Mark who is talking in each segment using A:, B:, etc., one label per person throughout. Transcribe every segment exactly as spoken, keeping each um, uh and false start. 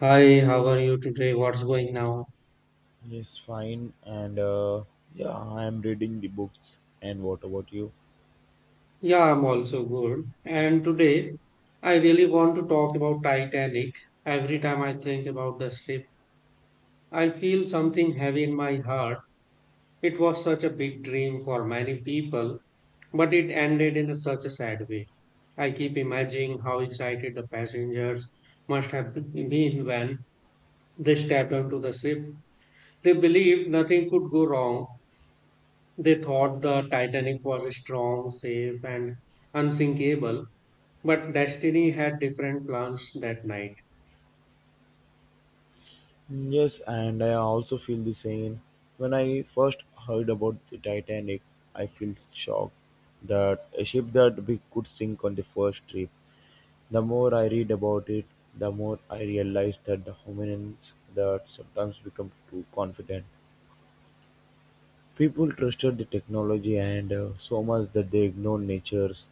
A: Hi, how are you today? What's going now?
B: Yes, fine. And uh, yeah, I am reading the books. And what about you?
A: Yeah, I'm also good. And today, I really want to talk about Titanic. Every time I think about the ship, I feel something heavy in my heart. It was such a big dream for many people, but it ended in a- such a sad way. I keep imagining how excited the passengers must have been when they stepped onto the ship. They believed nothing could go wrong. They thought the Titanic was strong, safe, and unsinkable, but destiny had different plans that night.
B: Mm, Yes, and I also feel the same. When I first heard about the Titanic, I felt shocked that a ship that big could sink on the first trip. The more I read about it, the more I realized that the humans that sometimes become too confident. People trusted the technology and uh, so much that they ignored nature's.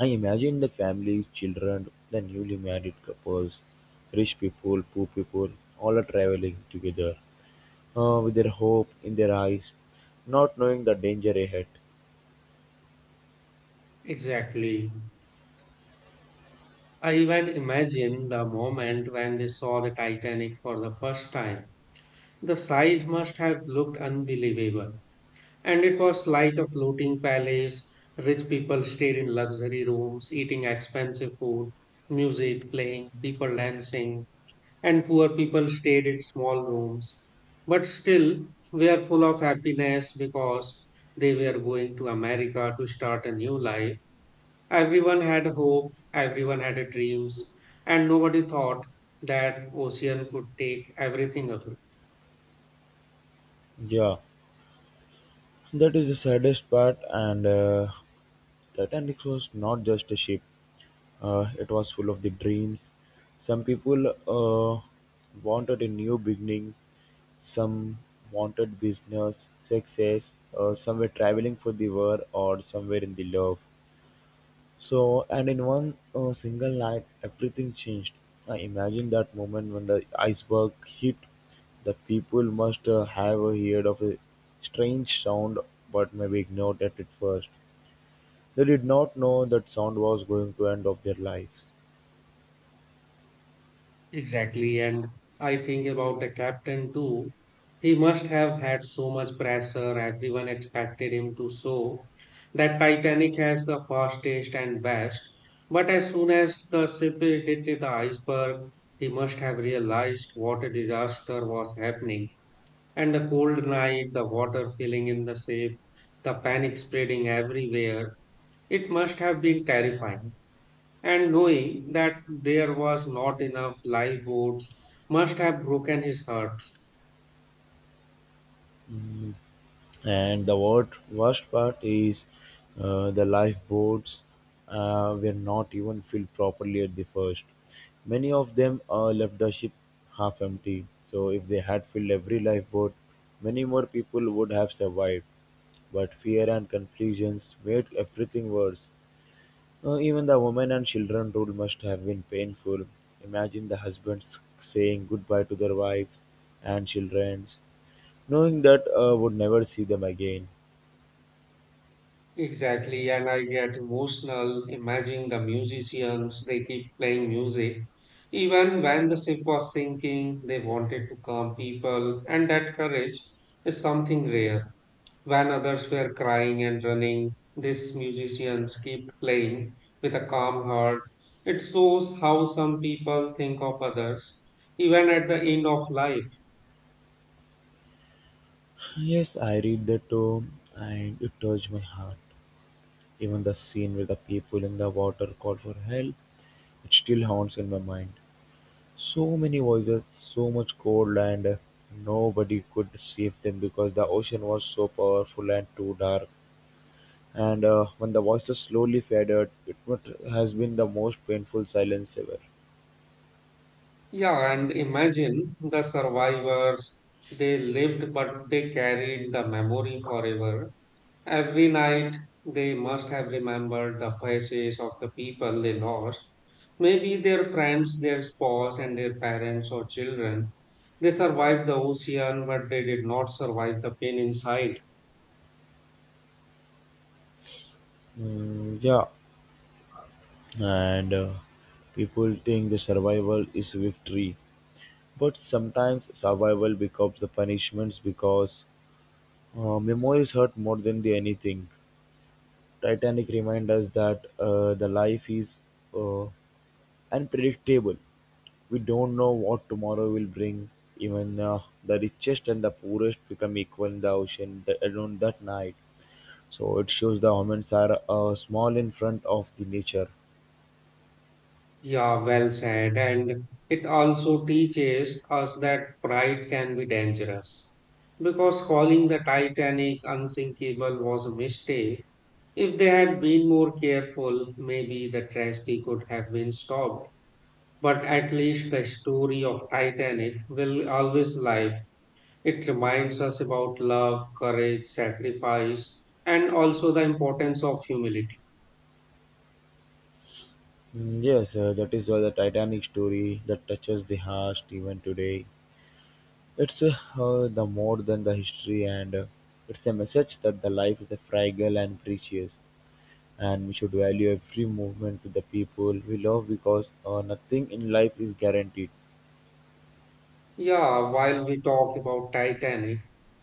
B: I imagine the families, children, the newly married couples, rich people, poor people, all are traveling together uh, with their hope in their eyes, not knowing the danger ahead.
A: Exactly. I even imagine the moment when they saw the Titanic for the first time. The size must have looked unbelievable, and it was like a floating palace. Rich people stayed in luxury rooms, eating expensive food, music playing, people dancing, and poor people stayed in small rooms. But still, were full of happiness because they were going to America to start a new life. Everyone had hope, everyone had dreams, and nobody thought that ocean could take everything away.
B: Yeah, That is the saddest part, and uh, Titanic was not just a ship, uh, it was full of the dreams. Some people uh, wanted a new beginning, some wanted business, success, uh, some were traveling for the war, or somewhere in the love. So, and in one uh, single night, everything changed. I imagine that moment when the iceberg hit. The people must uh, have uh, heard of a strange sound, but maybe ignored it at first. They did not know that sound was going to end of their lives.
A: Exactly. And I think about the captain too. He must have had so much pressure, everyone expected him to show that Titanic has the fastest and best. But as soon as the ship hit the iceberg, he must have realized what a disaster was happening. And the cold night, the water filling in the ship, the panic spreading everywhere, it must have been terrifying, and knowing that there was not enough lifeboats must have broken his heart.
B: and the wor- worst part is, uh, the lifeboats uh, were not even filled properly at the first. Many of them uh, left the ship half empty. So if they had filled every lifeboat, many more people would have survived. But fear and confusions made everything worse. Uh, even the women and children rule must have been painful. Imagine the husbands saying goodbye to their wives and children, knowing that uh, would never see them again.
A: Exactly, and I get emotional imagining the musicians, they keep playing music. Even when the ship was sinking, they wanted to calm people, and that courage is something rare. When others were crying and running, these musicians keep playing with a calm heart. It shows how some people think of others, even at the end of life.
B: Yes, I read the tome and it touched my heart. Even the scene with the people in the water called for help, it still haunts in my mind. So many voices, so much cold, and uh, nobody could save them because the ocean was so powerful and too dark. And uh, when the voices slowly faded, it what has been the most painful silence ever.
A: Yeah, and imagine the survivors. They lived, but they carried the memory forever. Every night, they must have remembered the faces of the people they lost. Maybe their friends, their spouse, and their parents or children. They survived the ocean, but they did not survive the pain inside.
B: Mm, yeah, and uh, people think the survival is victory, but sometimes survival becomes the punishments because uh, memories hurt more than the anything. Titanic reminds us that, uh, the life is uh, unpredictable. We don't know what tomorrow will bring. Even uh, the richest and the poorest become equal in the ocean th- alone that night. So it shows the humans are uh, small in front of the nature.
A: Yeah, well said. And it also teaches us that pride can be dangerous, because calling the Titanic unsinkable was a mistake. If they had been more careful, maybe the tragedy could have been stopped. But at least the story of Titanic will always live. It reminds us about love, courage, sacrifice, and also the importance of humility.
B: Mm, Yes, uh, that is why the Titanic story that touches the heart even today. It's uh, uh, the more than the history, and uh, it's a message that the life is a fragile and precious, and we should value every movement to the people we love because uh, nothing in life is guaranteed.
A: Yeah, while we talk about Titanic,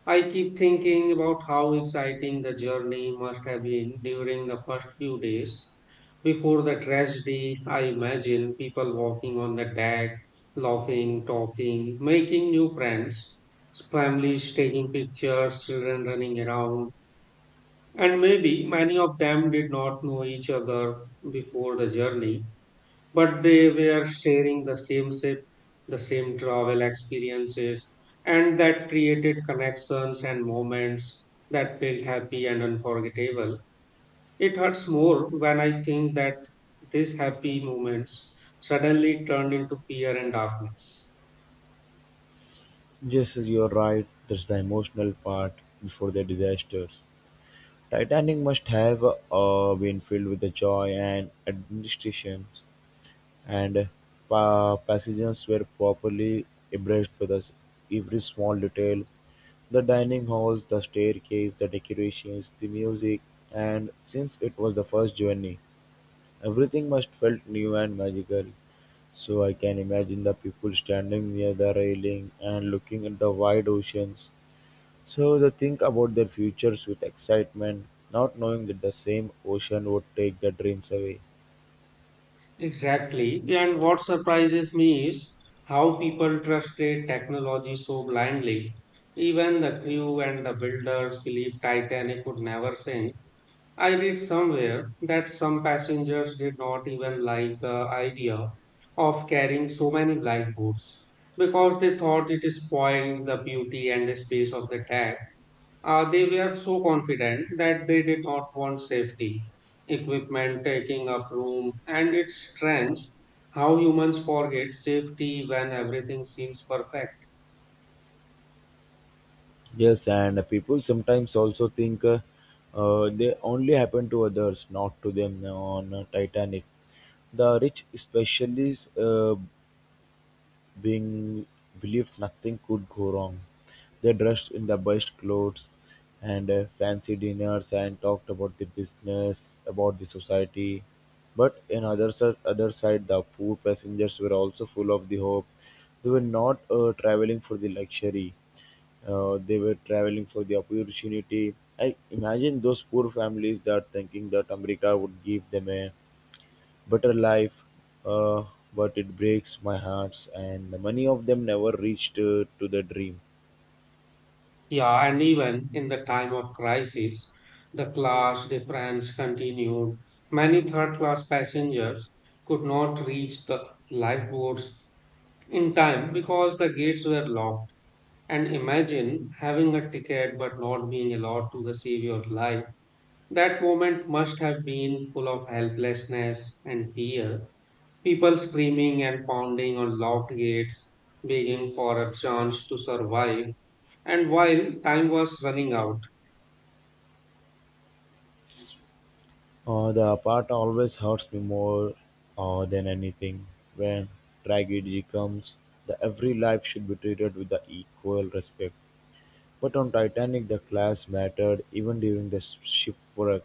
A: I keep thinking about how exciting the journey must have been during the first few days. Before the tragedy, I imagine people walking on the deck, laughing, talking, making new friends, families taking pictures, children running around, and maybe many of them did not know each other before the journey, but they were sharing the same ship, the same travel experiences, and that created connections and moments that felt happy and unforgettable. It hurts more when I think that these happy moments suddenly turned into fear and darkness.
B: Yes, you're right. That's the emotional part before the disasters. Titanic must have uh, been filled with the joy and administration and pa- passengers were properly abreast with us every small detail, the dining halls, the staircase, the decorations, the music, and since it was the first journey, everything must felt new and magical. So I can imagine the people standing near the railing and looking at the wide oceans. So they think about their futures with excitement, not knowing that the same ocean would take their dreams away.
A: Exactly. And what surprises me is how people trusted technology so blindly. Even the crew and the builders believed Titanic would never sink. I read somewhere that some passengers did not even like the idea of carrying so many lifeboats because they thought it spoiled the beauty and space of the cat. Uh, they were so confident that they did not want safety equipment taking up room, and it's strange how humans forget safety when everything seems perfect.
B: Yes, and people sometimes also think, uh, uh, they only happen to others, not to them on, uh, Titanic. The rich, especially, uh, being believed nothing could go wrong. They dressed in the best clothes and uh, fancy dinners and talked about the business, about the society. But in other si- other side, the poor passengers were also full of the hope. They were not uh, traveling for the luxury, uh, they were traveling for the opportunity. I imagine those poor families that thinking that America would give them a better life, uh, but it breaks my hearts, and many of them never reached uh, to the dream.
A: Yeah, and even in the time of crisis, the class difference continued. Many third class passengers could not reach the lifeboats in time because the gates were locked. And imagine having a ticket but not being allowed to save your life. That moment must have been full of helplessness and fear. People screaming and pounding on locked gates, begging for a chance to survive. And while time was running out,
B: Uh, the part always hurts me more uh, than anything. When tragedy comes, the every life should be treated with the equal respect. But on "Titanic" the class mattered even during the sh- shipwreck.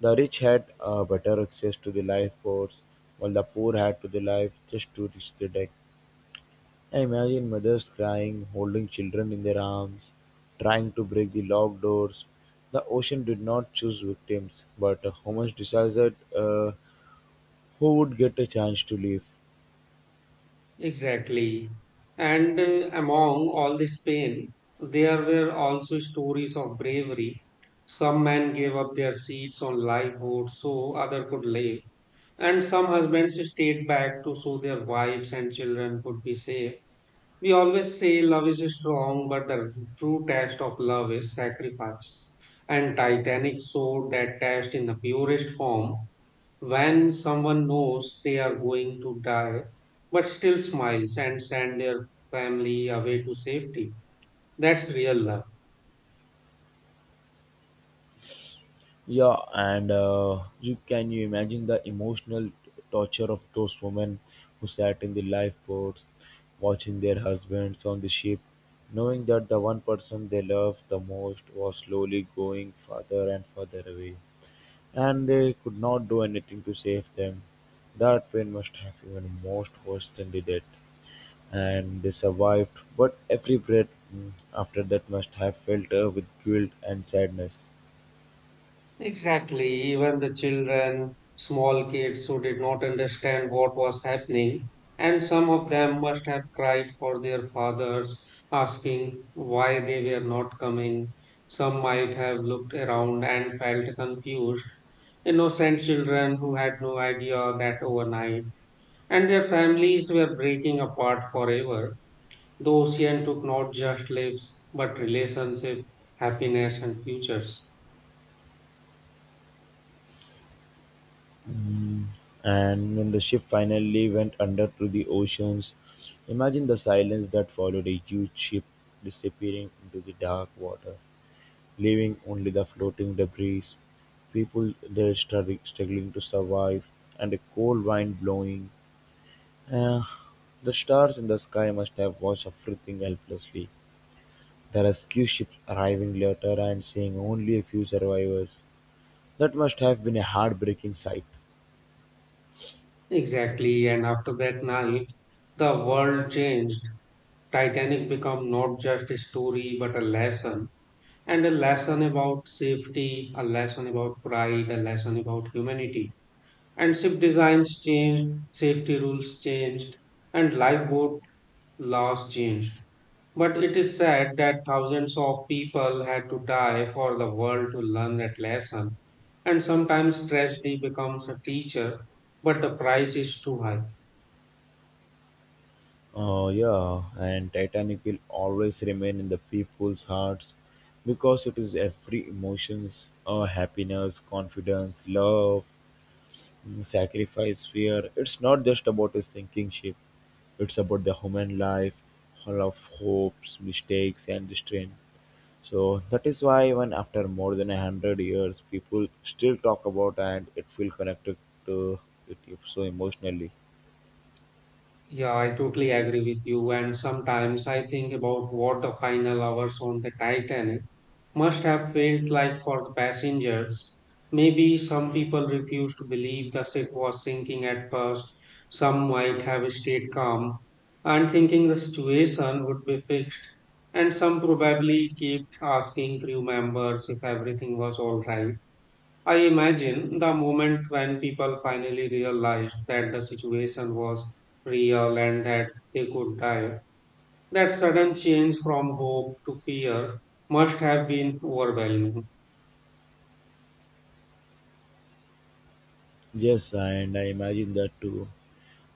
B: The rich had uh, better access to the lifeboats, while the poor had to the life just to reach the deck. I imagine mothers crying, holding children in their arms, trying to break the locked doors. The ocean did not choose victims, but uh, humans decided uh, who would get a chance to live.
A: exactly. And uh, among all this pain, there were also stories of bravery. Some men gave up their seats on lifeboats so other could live, and some husbands stayed back to so their wives and children could be safe. We always say love is strong, but the true test of love is sacrifice. And Titanic showed that test in the purest form when someone knows they are going to die but still smiles and send their family away to safety. That's real love.
B: Yeah, and uh, you can you imagine the emotional torture of those women who sat in the lifeboats, watching their husbands on the ship, knowing that the one person they loved the most was slowly going further and further away, and they could not do anything to save them. That pain must have even most worse than the death, and they survived. But every breath mm, after that must have filled her with guilt and sadness.
A: Exactly. Even the children, small kids who did not understand what was happening, and some of them must have cried for their fathers, asking why they were not coming. Some might have looked around and felt confused. Innocent children who had no idea that overnight and their families were breaking apart forever. The ocean took not just lives, but relationship, happiness, and futures.
B: And when the ship finally went under to the oceans, imagine the silence that followed a huge ship disappearing into the dark water, leaving only the floating debris, people there struggling, struggling to survive, and a cold wind blowing. Uh, the stars in the sky must have watched everything helplessly. The rescue ship arriving later and seeing only a few survivors. That must have been a heartbreaking sight.
A: Exactly, and after that night, the world changed. Titanic became not just a story, but a lesson, and a lesson about safety, a lesson about pride, a lesson about humanity. And ship designs changed, safety rules changed, and lifeboat laws changed. But it is said that thousands of people had to die for the world to learn that lesson. And sometimes tragedy becomes a teacher, but the price is too high.
B: Oh, yeah, and Titanic will always remain in the people's hearts because it is every emotions, uh, happiness, confidence, love, mm, sacrifice, fear. It's not just about a sinking ship. It's about the human life, all of hopes, mistakes, and the strength. So that is why even after more than a hundred years, people still talk about and it feel connected to it so emotionally.
A: Yeah, I totally agree with you. And sometimes I think about what the final hours on the Titanic must have felt like for the passengers. Maybe some people refused to believe the ship was sinking at first, some might have stayed calm and thinking the situation would be fixed, and some probably kept asking crew members if everything was all right. I imagine the moment when people finally realized that the situation was real and that they could die, that sudden change from hope to fear must have been overwhelming.
B: Yes, and I imagine that too.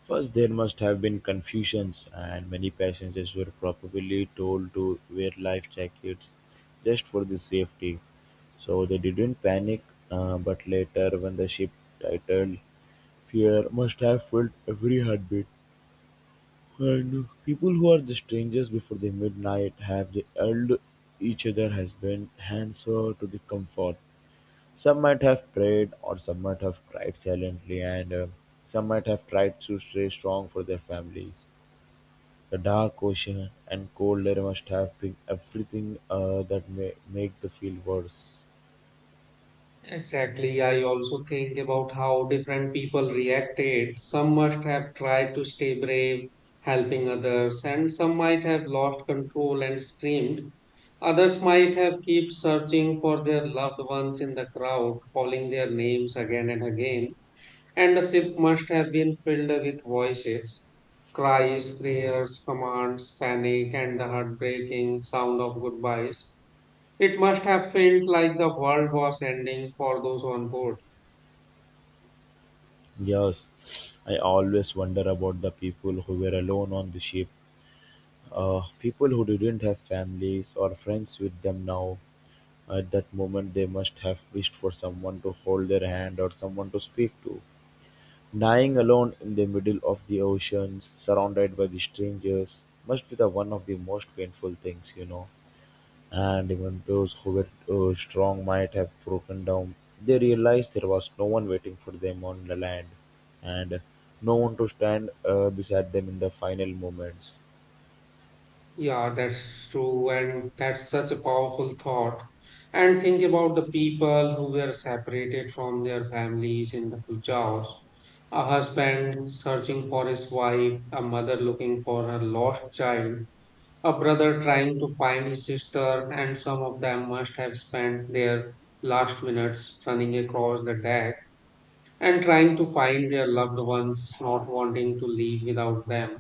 B: First, there must have been confusions, and many passengers were probably told to wear life jackets just for the safety. So they didn't panic, uh, but later, when the ship titled, fear must have filled every heartbeat. And people who are the strangers before the midnight have the held each other has been hands over to the comfort. Some might have prayed, or some might have cried silently, and uh, some might have tried to stay strong for their families. The dark ocean and cold air must have been everything uh, that may make the feel worse.
A: Exactly. I also think about how different people reacted. Some must have tried to stay brave, helping others, and some might have lost control and screamed. Others might have kept searching for their loved ones in the crowd, calling their names again and again. And the ship must have been filled with voices, cries, prayers, commands, panic, and the heartbreaking sound of goodbyes. It must have felt like the world was ending for those on board.
B: Yes, I always wonder about the people who were alone on the ship. Uh, people who didn't have families or friends with them now. At that moment, they must have wished for someone to hold their hand or someone to speak to. Dying alone in the middle of the ocean, surrounded by the strangers, must be the one of the most painful things, you know. And even those who were uh, strong might have broken down. They realized there was no one waiting for them on the land, and no one to stand uh, beside them in the final moments.
A: Yeah, that's true, and that's such a powerful thought. And think about the people who were separated from their families in the Pujaos. A husband searching for his wife, a mother looking for her lost child, a brother trying to find his sister, and some of them must have spent their last minutes running across the deck and trying to find their loved ones, not wanting to leave without them.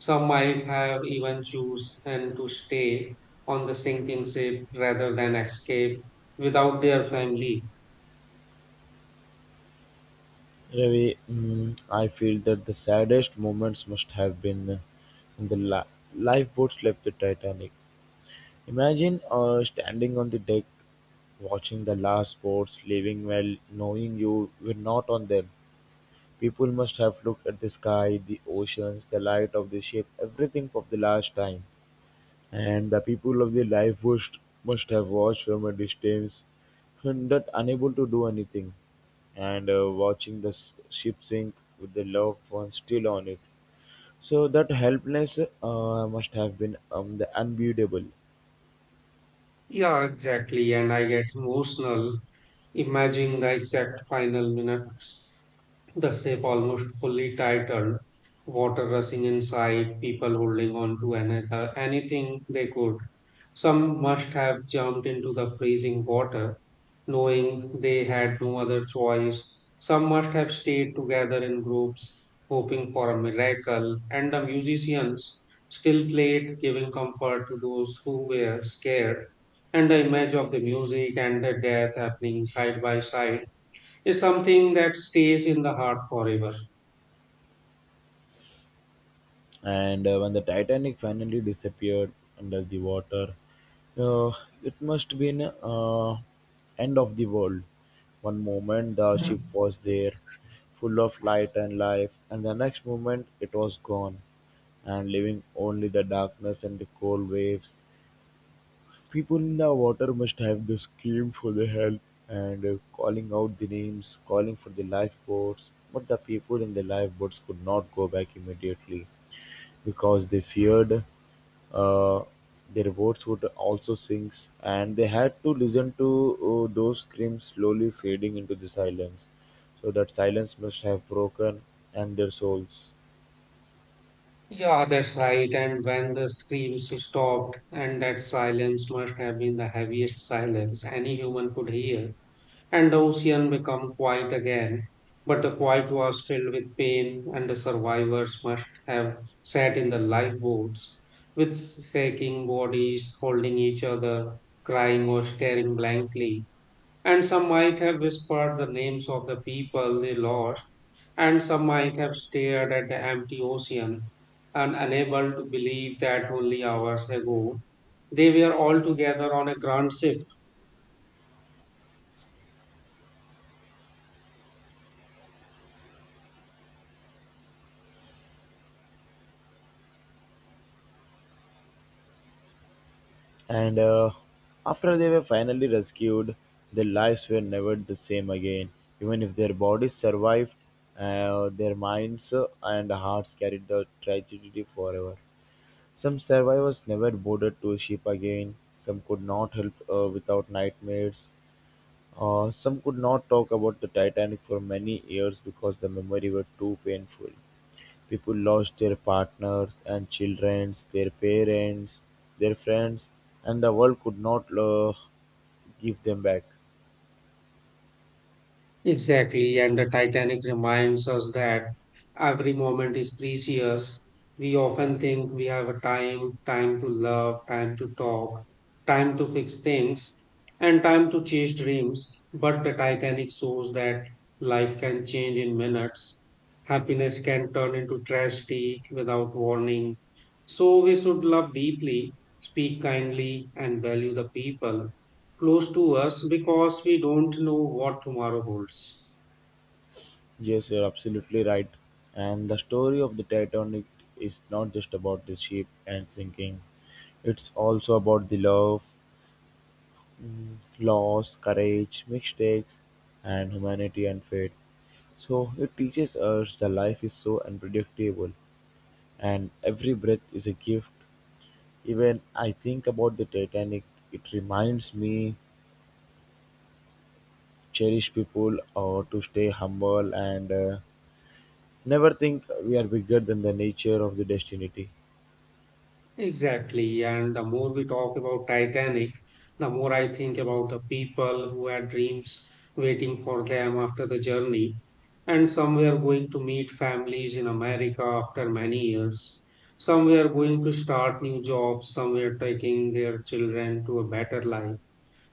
A: Some might have even chosen to stay on the sinking ship rather than escape without their family.
B: Ravi, mm, I feel that the saddest moments must have been, uh, when the li- lifeboats left the Titanic. Imagine uh, standing on the deck, watching the last boats leaving while knowing you were not on them. People must have looked at the sky, the oceans, the light of the ship, everything for the last time. And the people of the life must, must have watched from a distance, not unable to do anything, and uh, watching the s- ship sink with the loved one still on it. So that helplessness uh, must have been um, the unbeatable.
A: Yeah, exactly. And I get emotional imagining the exact final minutes. The ship almost fully titled, water rushing inside, people holding on to another, anything they could. Some must have jumped into the freezing water, knowing they had no other choice. Some must have stayed together in groups, hoping for a miracle, and the musicians still played, giving comfort to those who were scared. And the image of the music and the death happening side by side is something that stays in the heart forever.
B: And uh, when the Titanic finally disappeared under the water, uh, it must have been uh, end of the world. One moment the ship was there, full of light and life, and the next moment it was gone, and leaving only the darkness and the cold waves. People in the water must have the scream for the help and uh, calling out the names, calling for the lifeboats. But the people in the lifeboats could not go back immediately because they feared uh, their votes would also sink, and they had to listen to uh, those screams slowly fading into the silence. So that silence must have broken and their souls.
A: Yeah, that's right. And when the screams stopped, and that silence must have been the heaviest silence any human could hear, and the ocean became quiet again. But the quiet was filled with pain, and the survivors must have sat in the lifeboats with shaking bodies, holding each other, crying or staring blankly, and some might have whispered the names of the people they lost, and some might have stared at the empty ocean and unable to believe that only hours ago they were all together on a grand ship.
B: And uh, after they were finally rescued, their lives were never the same again. Even if their bodies survived, uh, their minds uh, and hearts carried the tragedy forever. Some survivors never boarded to a ship again, some could not help uh, without nightmares, uh, some could not talk about the Titanic for many years because the memory were too painful. People lost their partners and children, their parents, their friends, and the world could not uh, give them back.
A: Exactly, and the Titanic reminds us that every moment is precious. We often think we have a time, time to love, time to talk, time to fix things, and time to chase dreams. But the Titanic shows that life can change in minutes. Happiness can turn into tragedy without warning. So we should love deeply, speak kindly, and value the people close to us because we don't know what tomorrow holds.
B: Yes, you're absolutely right. And the story of the Titanic is not just about the ship and sinking, it's also about the love, loss, courage, mistakes, and humanity and fate. So it teaches us that life is so unpredictable and every breath is a gift. Even I think about the Titanic, it reminds me cherish people or to stay humble and uh, never think we are bigger than the nature of the destiny.
A: Exactly. And the more we talk about Titanic, the more I think about the people who had dreams waiting for them after the journey, and some were going to meet families in America after many years. Some were going to start new jobs, some were taking their children to a better life,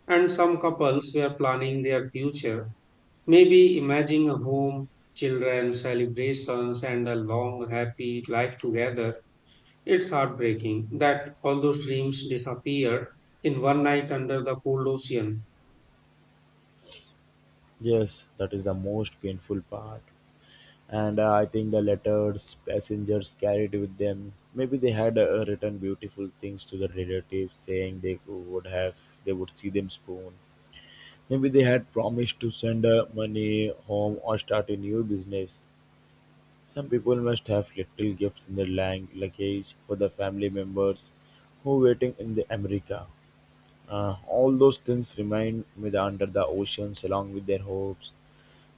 A: and some couples were planning their future. Maybe imagine a home, children, celebrations, and a long, happy life together. It's heartbreaking that all those dreams disappear in one night under the cold ocean.
B: Yes, that is the most painful part. and uh, I think the letters passengers carried with them. Maybe they had uh, written beautiful things to the relatives, saying they would have they would see them soon. Maybe they had promised to send uh, money home or start a new business. Some people must have little gifts in their lang- luggage for the family members who waiting in the America. Uh, all those things remain with under the oceans along with their hopes.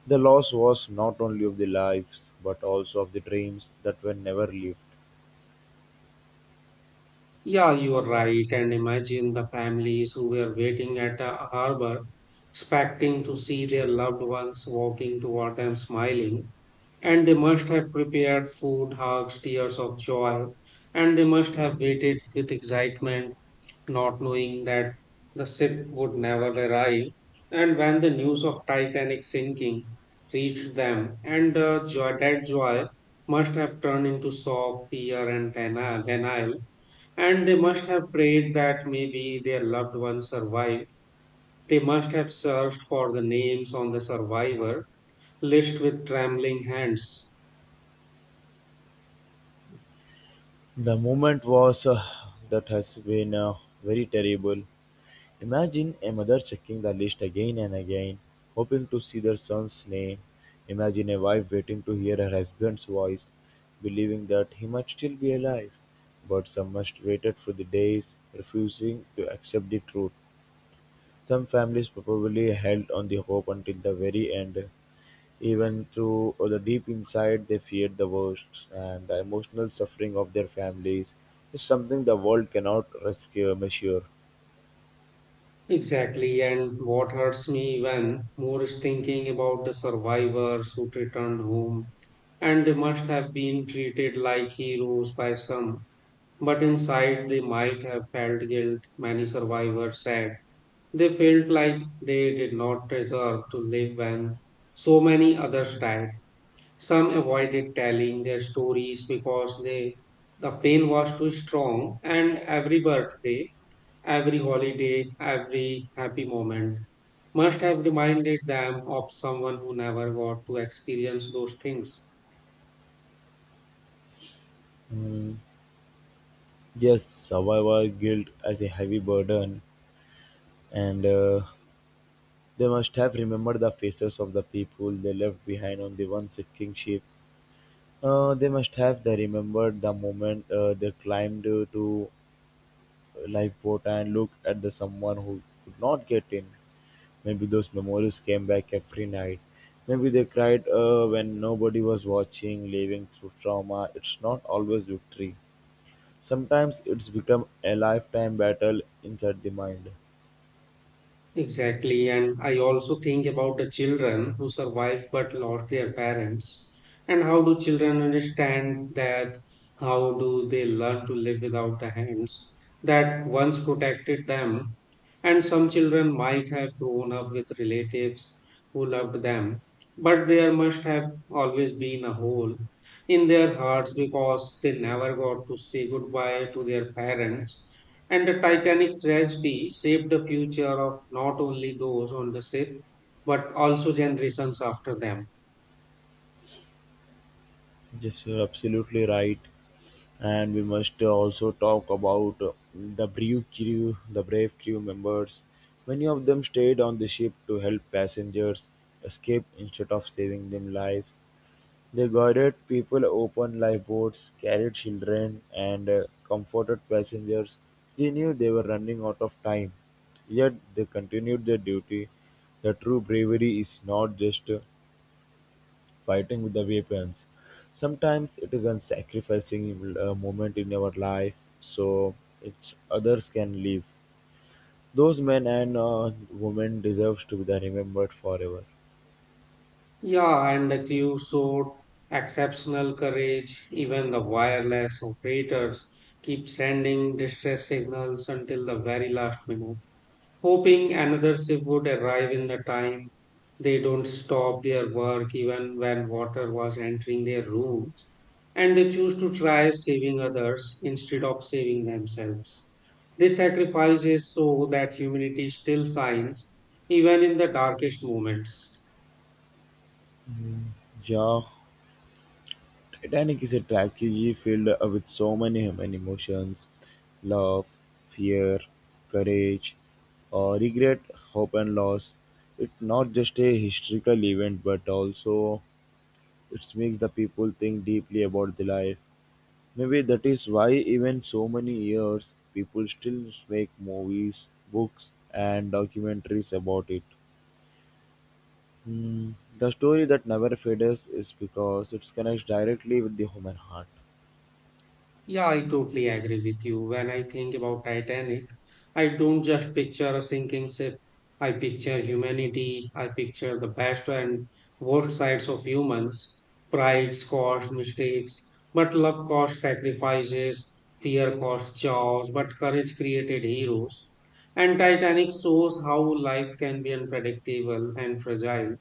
B: The loss was not only of the lives, but also of the dreams that were never lived.
A: Yeah, you are right. And imagine the families who were waiting at a harbor, expecting to see their loved ones walking toward them smiling. And they must have prepared food, hugs, tears of joy. And they must have waited with excitement, not knowing that the ship would never arrive. And when the news of Titanic sinking reached them, and the joy, that joy must have turned into shock, fear, and deni- denial. And they must have prayed that maybe their loved ones survived. They must have searched for the names on the survivor list with trembling hands.
B: The moment was uh, that has been uh, very terrible. Imagine a mother checking the list again and again, hoping to see their son's name. Imagine a wife waiting to hear her husband's voice, believing that he might still be alive. But some must waited for the days, refusing to accept the truth. Some families probably held on the hope until the very end. Even through the deep inside, they feared the worst, and the emotional suffering of their families is something the world cannot rescue, measure.
A: Exactly, and what hurts me even more is thinking about the survivors who returned home, and they must have been treated like heroes by some, but inside they might have felt guilt, many survivors said. They felt like they did not deserve to live when so many others died. Some avoided telling their stories because they the pain was too strong, and every birthday, every holiday, every happy moment must have reminded them of someone who never got to experience those things.
B: Mm, yes, survivor guilt as a heavy burden, and uh, they must have remembered the faces of the people they left behind on the one sinking ship. Uh, they must have they remembered the moment uh, they climbed uh, to lifeboat and looked at the someone who could not get in. Maybe those memories came back every night. Maybe they cried uh, when nobody was watching, living through trauma. It's not always victory. Sometimes it's become a lifetime battle inside the mind.
A: Exactly. And I also think about the children who survived but lost their parents. And how do children understand that? How do they learn to live without the hands that once protected them? And some children might have grown up with relatives who loved them, but there must have always been a hole in their hearts because they never got to say goodbye to their parents, and the Titanic tragedy shaped the future of not only those on the ship, but also generations after them.
B: Yes, you're absolutely right. And we must uh, also talk about uh, the brave crew, the brave crew members. Many of them stayed on the ship to help passengers escape instead of saving them lives. They guided people, opened lifeboats, carried children, and uh, comforted passengers. They knew they were running out of time, yet they continued their duty. The true bravery is not just uh, fighting with the weapons. Sometimes it is in sacrificing a moment in our life so it's others can live. Those men and uh, women deserve to be remembered forever.
A: Yeah, and the crew showed exceptional courage. Even the wireless operators keep sending distress signals until the very last minute, hoping another ship would arrive in the time. They don't stop their work even when water was entering their rooms, and they choose to try saving others instead of saving themselves. This sacrifice is so that humanity still shines even in the darkest moments.
B: Yeah, Titanic is a tragedy filled with so many human emotions: love, fear, courage, uh, regret, hope, and loss. It's not just a historical event, but also it makes the people think deeply about the life. Maybe that is why, even so many years, people still make movies, books, and documentaries about it. Hmm, The story that never fades is because it connects directly with the human heart.
A: Yeah, I totally agree with you. When I think about Titanic, I don't just picture a sinking ship. I picture humanity. I picture the best and worst sides of humans. Pride caused mistakes, but love caused sacrifices. Fear caused chaos, but courage created heroes. And Titanic shows how life can be unpredictable and fragile.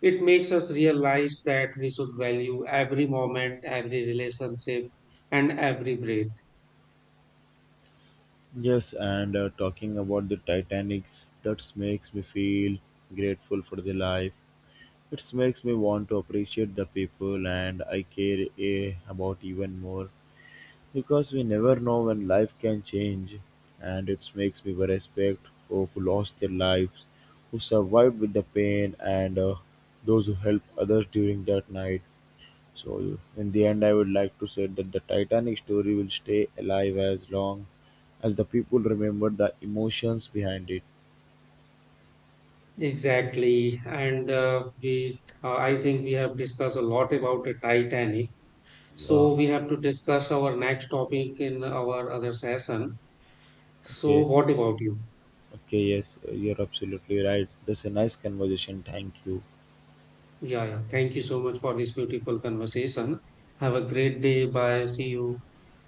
A: It makes us realize that we should value every moment, every relationship, and every breath.
B: Yes, and uh, talking about the Titanic, that makes me feel grateful for the life. It makes me want to appreciate the people and I care eh, about even more because we never know when life can change. And it makes me respect for who lost their lives, who survived with the pain, and uh, those who helped others during that night. So, in the end, I would like to say that the Titanic story will stay alive as long as the people remember the emotions behind it.
A: Exactly. And uh, we, uh, I think we have discussed a lot about the Titanic.
B: Yeah.
A: So we have to discuss our next topic in our other session. So
B: Okay.
A: what about you?
B: Okay. Yes, you're absolutely right. That's a nice conversation. Thank you.
A: Yeah, yeah. Thank you so much for this beautiful conversation. Have a great day. Bye. See you.